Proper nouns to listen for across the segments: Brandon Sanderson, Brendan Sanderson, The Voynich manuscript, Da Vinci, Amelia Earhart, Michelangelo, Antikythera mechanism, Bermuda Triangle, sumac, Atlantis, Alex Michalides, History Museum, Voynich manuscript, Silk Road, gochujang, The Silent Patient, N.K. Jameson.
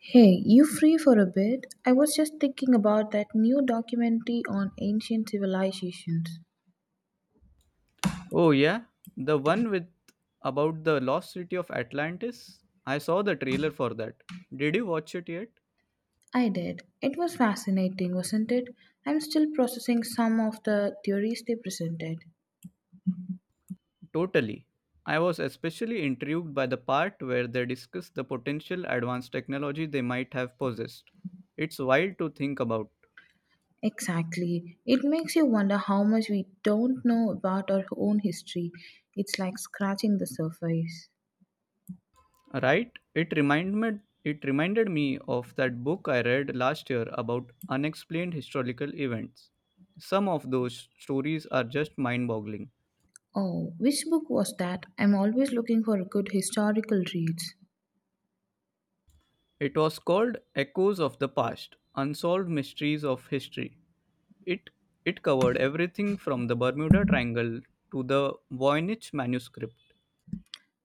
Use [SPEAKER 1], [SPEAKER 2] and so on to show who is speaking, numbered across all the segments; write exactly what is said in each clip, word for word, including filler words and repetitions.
[SPEAKER 1] Hey, you free for a bit? I was just thinking about that new documentary on ancient civilizations.
[SPEAKER 2] Oh yeah, the one with about the lost city of Atlantis? I saw the trailer for that. Did you watch it yet?
[SPEAKER 1] I did. It was fascinating, wasn't it? I'm still processing some of the theories they presented.
[SPEAKER 2] Totally. I was especially intrigued by the part where they discuss the potential advanced technology they might have possessed. It's wild to think about,
[SPEAKER 1] Exactly. It makes you wonder how much we don't know about our own history. It's like scratching the surface.
[SPEAKER 2] right? It reminded it reminded me of that book I read last year about unexplained historical events. Some of those stories are just mind-boggling.
[SPEAKER 1] Oh, which book was that? I'm always looking for good historical reads.
[SPEAKER 2] It was called Echoes of the Past Unsolved Mysteries of History. It, it covered everything from the Bermuda Triangle to the Voynich manuscript.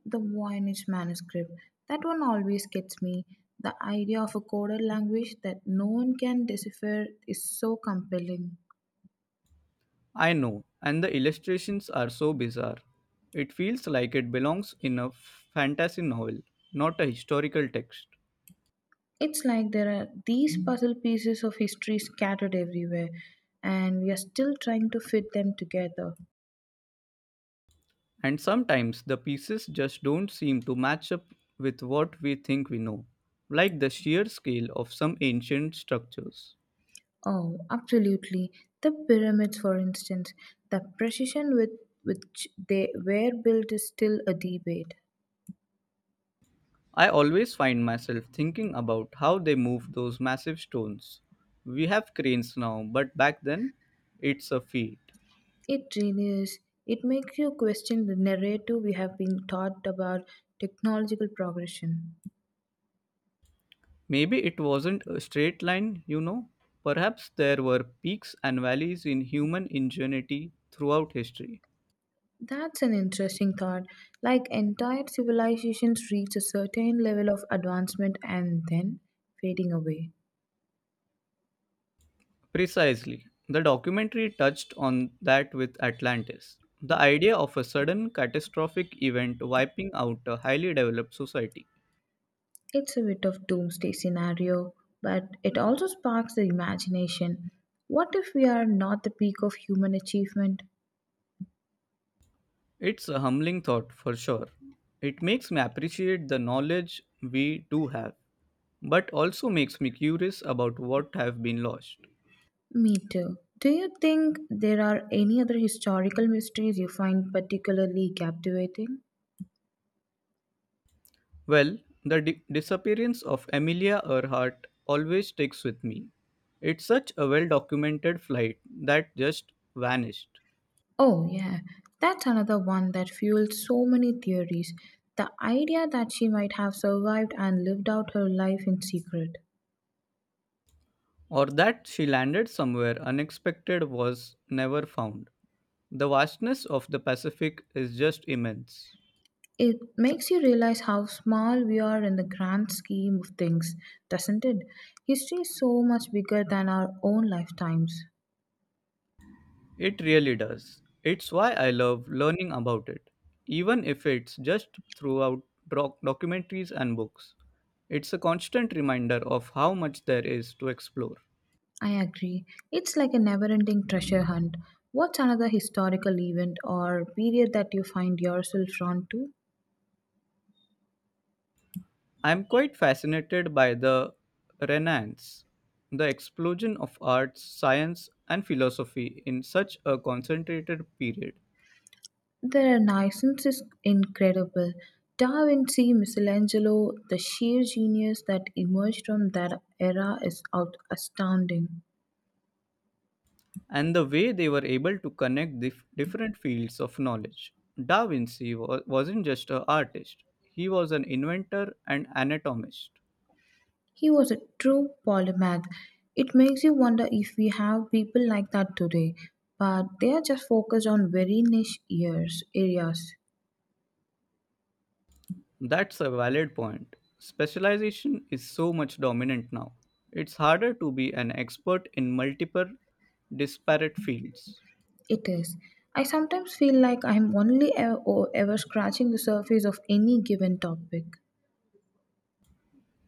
[SPEAKER 1] The Voynich manuscript. That one always gets me. The idea of a coded language that no one can decipher is so compelling.
[SPEAKER 2] I know, and the illustrations are so bizarre. It feels like it belongs in a fantasy novel, not a historical text.
[SPEAKER 1] It's like there are these puzzle pieces of history scattered everywhere, and we are still trying to fit them together.
[SPEAKER 2] And sometimes the pieces just don't seem to match up with what we think we know, like the sheer scale of some ancient structures.
[SPEAKER 1] Oh, absolutely. The pyramids, for instance, the precision with which they were built is still a debate.
[SPEAKER 2] I always find myself thinking about how they moved those massive stones. We have cranes now, but back then, it's a feat.
[SPEAKER 1] It really is. It makes you question the narrative we have been taught about technological progression.
[SPEAKER 2] Maybe it wasn't a straight line, you know. Perhaps there were peaks and valleys in human ingenuity throughout history.
[SPEAKER 1] That's an interesting thought. Like entire civilizations reach a certain level of advancement and then fading away.
[SPEAKER 2] Precisely. The documentary touched on that with Atlantis. The idea of a sudden catastrophic event wiping out a highly developed society.
[SPEAKER 1] It's a bit of doomsday scenario, but it also sparks the imagination. What if we are not the peak of human achievement?
[SPEAKER 2] It's a humbling thought for sure. It makes me appreciate the knowledge we do have, but also makes me curious about what have been lost.
[SPEAKER 1] Me too. Do you think there are any other historical mysteries you find particularly captivating?
[SPEAKER 2] Well, the di- disappearance of Amelia Earhart always sticks with me. It's such a well documented flight that just vanished,
[SPEAKER 1] Oh, yeah, that's another one that fueled so many theories. The idea that she might have survived and lived out her life in secret.
[SPEAKER 2] or that she landed somewhere unexpected was never found. The vastness of the Pacific is just immense.
[SPEAKER 1] It makes you realize how small we are in the grand scheme of things, doesn't it? History is so much bigger than our own lifetimes.
[SPEAKER 2] It really does. It's why I love learning about it, even if it's just throughout doc- documentaries and books. It's a constant reminder of how much there is to explore.
[SPEAKER 1] I agree. It's like a never ending treasure hunt. What's another historical event or period that you find yourself drawn to?
[SPEAKER 2] I'm quite fascinated by the Renaissance, the explosion of arts, science, and philosophy in such a concentrated period.
[SPEAKER 1] The Renaissance is incredible. Da Vinci, Michelangelo, the sheer genius that emerged from that era is out astounding.
[SPEAKER 2] And the way they were able to connect dif- different fields of knowledge. Da Vinci wa- wasn't just an artist, he was an inventor and anatomist.
[SPEAKER 1] He was a true polymath. It makes you wonder if we have people like that today, but they are just focused on very niche years, areas.
[SPEAKER 2] That's a valid point. Specialization is so much dominant now. It's harder to be an expert in multiple disparate fields.
[SPEAKER 1] It is. I sometimes feel like I'm only ever, ever scratching the surface of any given topic.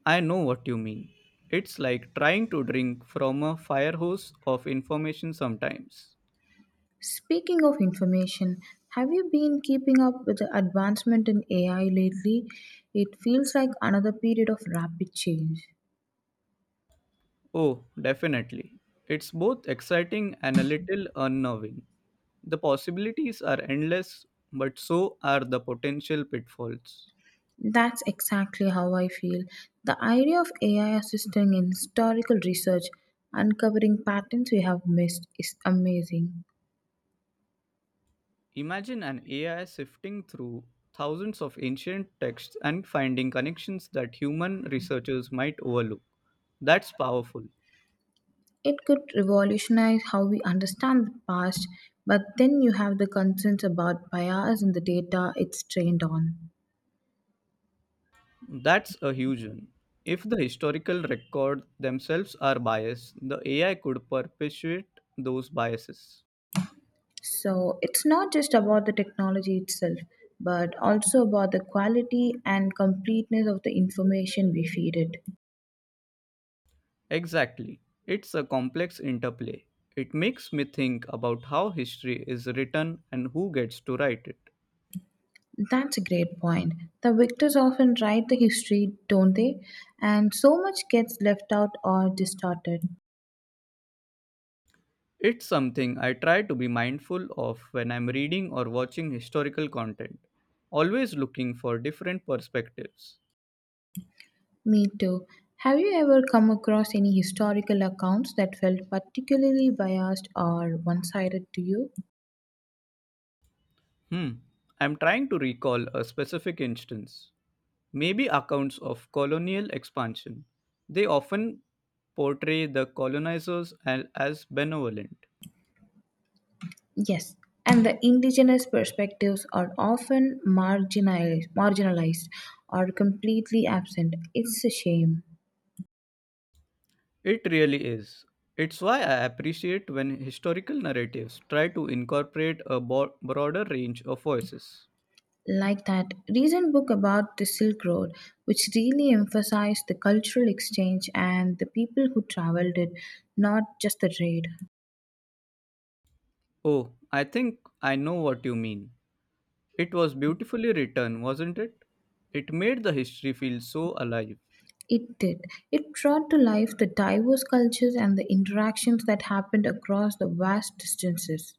[SPEAKER 2] I know what you mean. It's like trying to drink from a fire hose of information sometimes.
[SPEAKER 1] Speaking of information, have you been keeping up with the advancement in A I lately? It feels like another period of rapid change.
[SPEAKER 2] Oh, definitely. It's both exciting and a little unnerving. The possibilities are endless, but so are the potential pitfalls.
[SPEAKER 1] That's exactly how I feel. The idea of A I assisting in historical research, uncovering patterns we have missed, is amazing.
[SPEAKER 2] Imagine an A I sifting through thousands of ancient texts and finding connections that human researchers might overlook. That's powerful.
[SPEAKER 1] It could revolutionize how we understand the past, but then you have the concerns about bias in the data it's trained on.
[SPEAKER 2] That's a huge one. If the historical record themselves are biased, the A I could perpetuate those biases.
[SPEAKER 1] So it's not just about the technology itself, but also about the quality and completeness of the information we feed it.
[SPEAKER 2] Exactly. It's a complex interplay. It makes me think about how history is written and who gets to write it.
[SPEAKER 1] That's a great point. The victors often write the history, don't they? And so much gets left out or distorted.
[SPEAKER 2] It's something I try to be mindful of when I'm reading or watching historical content, always looking for different perspectives.
[SPEAKER 1] Me too. Have you ever come across any historical accounts that felt particularly biased or one sided to you?
[SPEAKER 2] Hmm, I'm trying to recall a specific instance. Maybe accounts of colonial expansion. They often portray the colonizers a- as benevolent.
[SPEAKER 1] Yes, and the indigenous perspectives are often marginalized, marginalized or completely absent. It's a shame.
[SPEAKER 2] It really is. It's why I appreciate when historical narratives try to incorporate a bo- broader range of voices.
[SPEAKER 1] Like that recent book about the Silk Road, which really emphasized the cultural exchange and the people who traveled it, not just the trade.
[SPEAKER 2] Oh, I think I know what you mean. It was beautifully written, wasn't it? It made the history feel so alive.
[SPEAKER 1] It did. It brought to life the diverse cultures and the interactions that happened across the vast distances.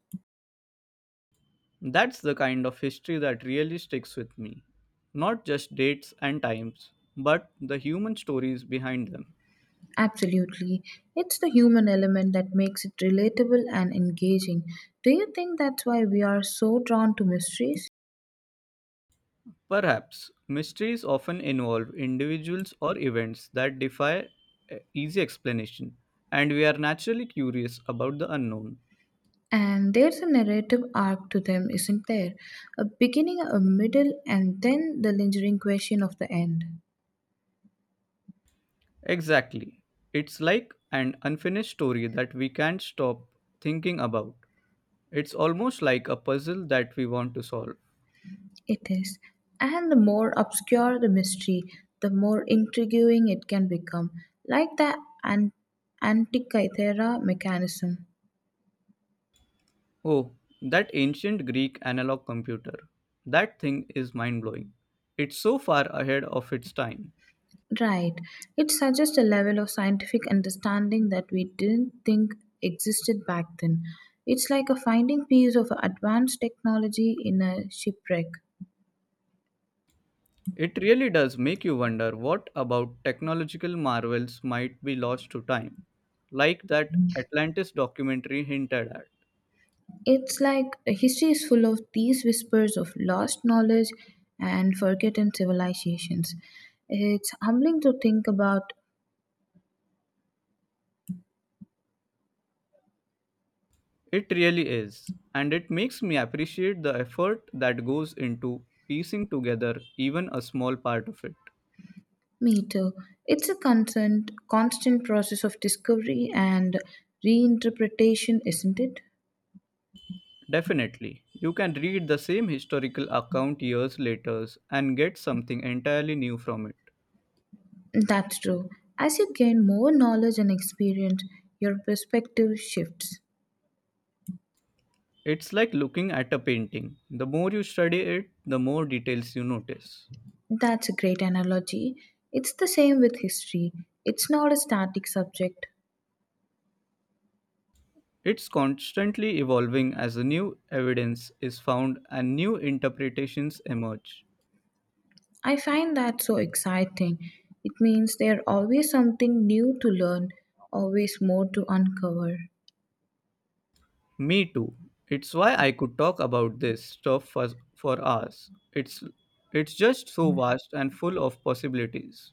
[SPEAKER 2] That's the kind of history that really sticks with me. Not just dates and times, but the human stories behind them.
[SPEAKER 1] Absolutely. It's the human element that makes it relatable and engaging. Do you think that's why we are so drawn to mysteries?
[SPEAKER 2] Perhaps mysteries often involve individuals or events that defy uh, easy explanation, and we are naturally curious about the unknown.
[SPEAKER 1] And there's a narrative arc to them, isn't there? A beginning, a middle, and then the lingering question of the end.
[SPEAKER 2] Exactly. It's like an unfinished story that we can't stop thinking about. It's almost like a puzzle that we want to solve.
[SPEAKER 1] It is. And the more obscure the mystery, the more intriguing it can become, like the an- Antikythera mechanism.
[SPEAKER 2] Oh, that ancient Greek analog computer. That thing is mind blowing. It's so far ahead of its time.
[SPEAKER 1] Right. It suggests a level of scientific understanding that we didn't think existed back then. It's like a finding piece of advanced technology in a shipwreck.
[SPEAKER 2] It really does make you wonder what about technological marvels might be lost to time, like that Atlantis documentary hinted at.
[SPEAKER 1] It's like history is full of these whispers of lost knowledge and forgotten civilizations. It's humbling to think about
[SPEAKER 2] It really is, and it makes me appreciate the effort that goes into piecing together even a small part of it.
[SPEAKER 1] me too. It's a constant, constant process of discovery and reinterpretation, isn't it?
[SPEAKER 2] Definitely, you can read the same historical account years later and get something entirely new from it.
[SPEAKER 1] That's true. As you gain more knowledge and experience, your perspective shifts.
[SPEAKER 2] It's like looking at a painting. The more you study it, the more details you notice.
[SPEAKER 1] That's a great analogy. It's the same with history, it's not a static subject.
[SPEAKER 2] It's constantly evolving as new evidence is found and new interpretations emerge.
[SPEAKER 1] I find that so exciting. It means there's always something new to learn, always more to uncover.
[SPEAKER 2] Me too. It's why I could talk about this stuff for, for hours. It's it's just so vast and full of possibilities.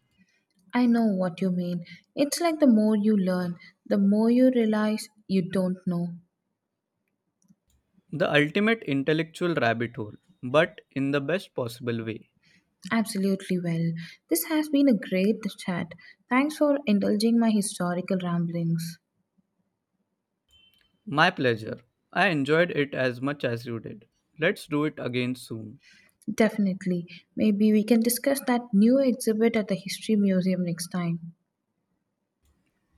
[SPEAKER 1] I know what you mean. It's like the more you learn, the more you realize you don't know.
[SPEAKER 2] The ultimate intellectual rabbit hole, but in the best possible way.
[SPEAKER 1] Absolutely well. This has been a great chat. Thanks for indulging my historical ramblings.
[SPEAKER 2] My pleasure. I enjoyed it as much as you did. Let's do it again soon.
[SPEAKER 1] Definitely. Maybe we can discuss that new exhibit at the History Museum next time.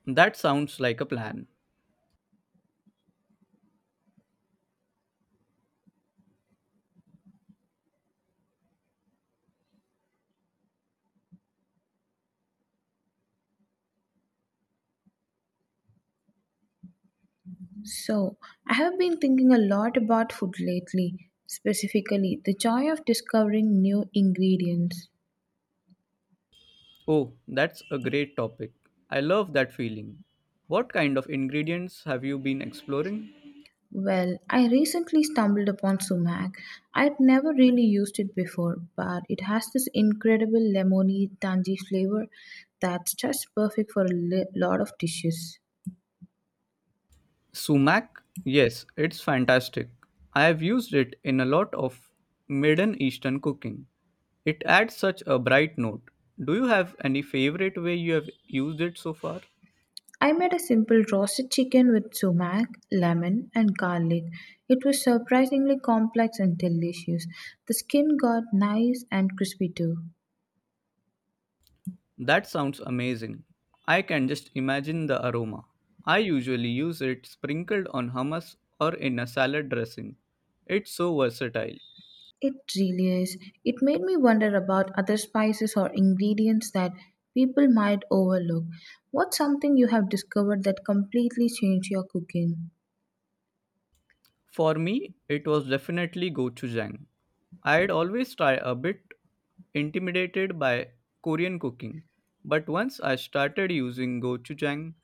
[SPEAKER 2] That sounds like a plan.
[SPEAKER 1] So, I have been thinking a lot about food lately, specifically the joy of discovering new ingredients.
[SPEAKER 2] Oh, that's a great topic. I love that feeling. What kind of ingredients have you been exploring?
[SPEAKER 1] Well, I recently stumbled upon sumac. I'd never really used it before, but it has this incredible lemony, tangy flavor that's just perfect for a li- lot of dishes.
[SPEAKER 2] Sumac? Yes, it's fantastic. I have used it in a lot of Middle Eastern cooking. It adds such a bright note. Do you have any favorite way you have used it so far?
[SPEAKER 1] I made a simple roasted chicken with sumac, lemon, and garlic. It was surprisingly complex and delicious. The skin got nice and crispy too.
[SPEAKER 2] That sounds amazing. I can just imagine the aroma. I usually use it sprinkled on hummus or in a salad dressing. It's so versatile.
[SPEAKER 1] It really is. It made me wonder about other spices or ingredients that people might overlook. What's something you have discovered that completely changed your cooking?
[SPEAKER 2] For me, it was definitely gochujang. I had always tried a bit intimidated by Korean cooking, but once I started using gochujang,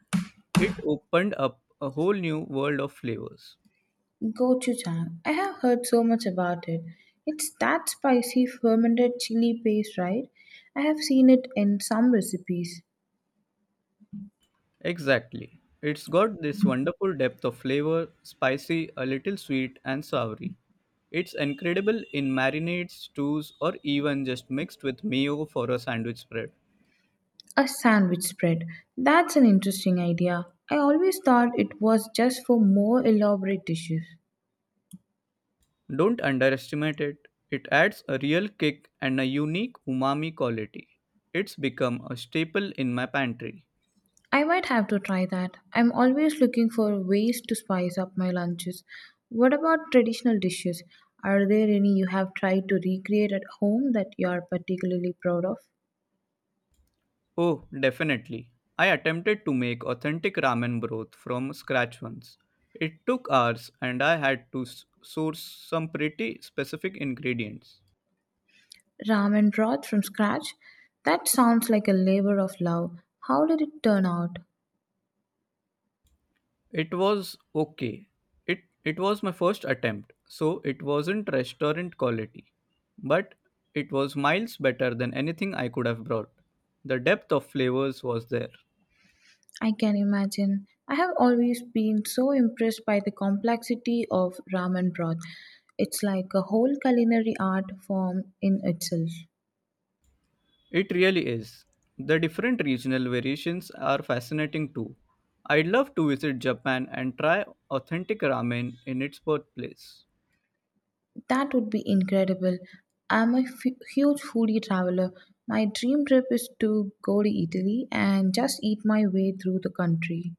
[SPEAKER 2] it opened up a whole new world of flavors.
[SPEAKER 1] Gochujang. I have heard so much about it. It's that spicy fermented chili paste, right? I have seen it in some recipes.
[SPEAKER 2] Exactly. It's got this wonderful depth of flavor, spicy, a little sweet, and savory. It's incredible in marinades, stews, or even just mixed with mayo for a sandwich spread.
[SPEAKER 1] A sandwich spread. That's an interesting idea. I always thought it was just for more elaborate dishes.
[SPEAKER 2] Don't underestimate it. It adds a real kick and a unique umami quality. It's become a staple in my pantry.
[SPEAKER 1] I might have to try that. I'm always looking for ways to spice up my lunches. What about traditional dishes? Are there any you have tried to recreate at home that you are particularly proud of?
[SPEAKER 2] Oh, definitely. I attempted to make authentic ramen broth from scratch once. It took hours and I had to s- source some pretty specific ingredients.
[SPEAKER 1] Ramen broth from scratch? That sounds like a labor of love. How did it turn out?
[SPEAKER 2] It was okay. It it was my first attempt, so it wasn't restaurant quality, but it was miles better than anything I could have brought. The depth of flavors was there.
[SPEAKER 1] I can imagine. I have always been so impressed by the complexity of ramen broth. It's like a whole culinary art form in itself.
[SPEAKER 2] It really is. The different regional variations are fascinating too. I'd love to visit Japan and try authentic ramen in its birthplace.
[SPEAKER 1] That would be incredible. I'm a f- huge foodie traveler. My dream trip is to go to Italy and just eat my way through the country.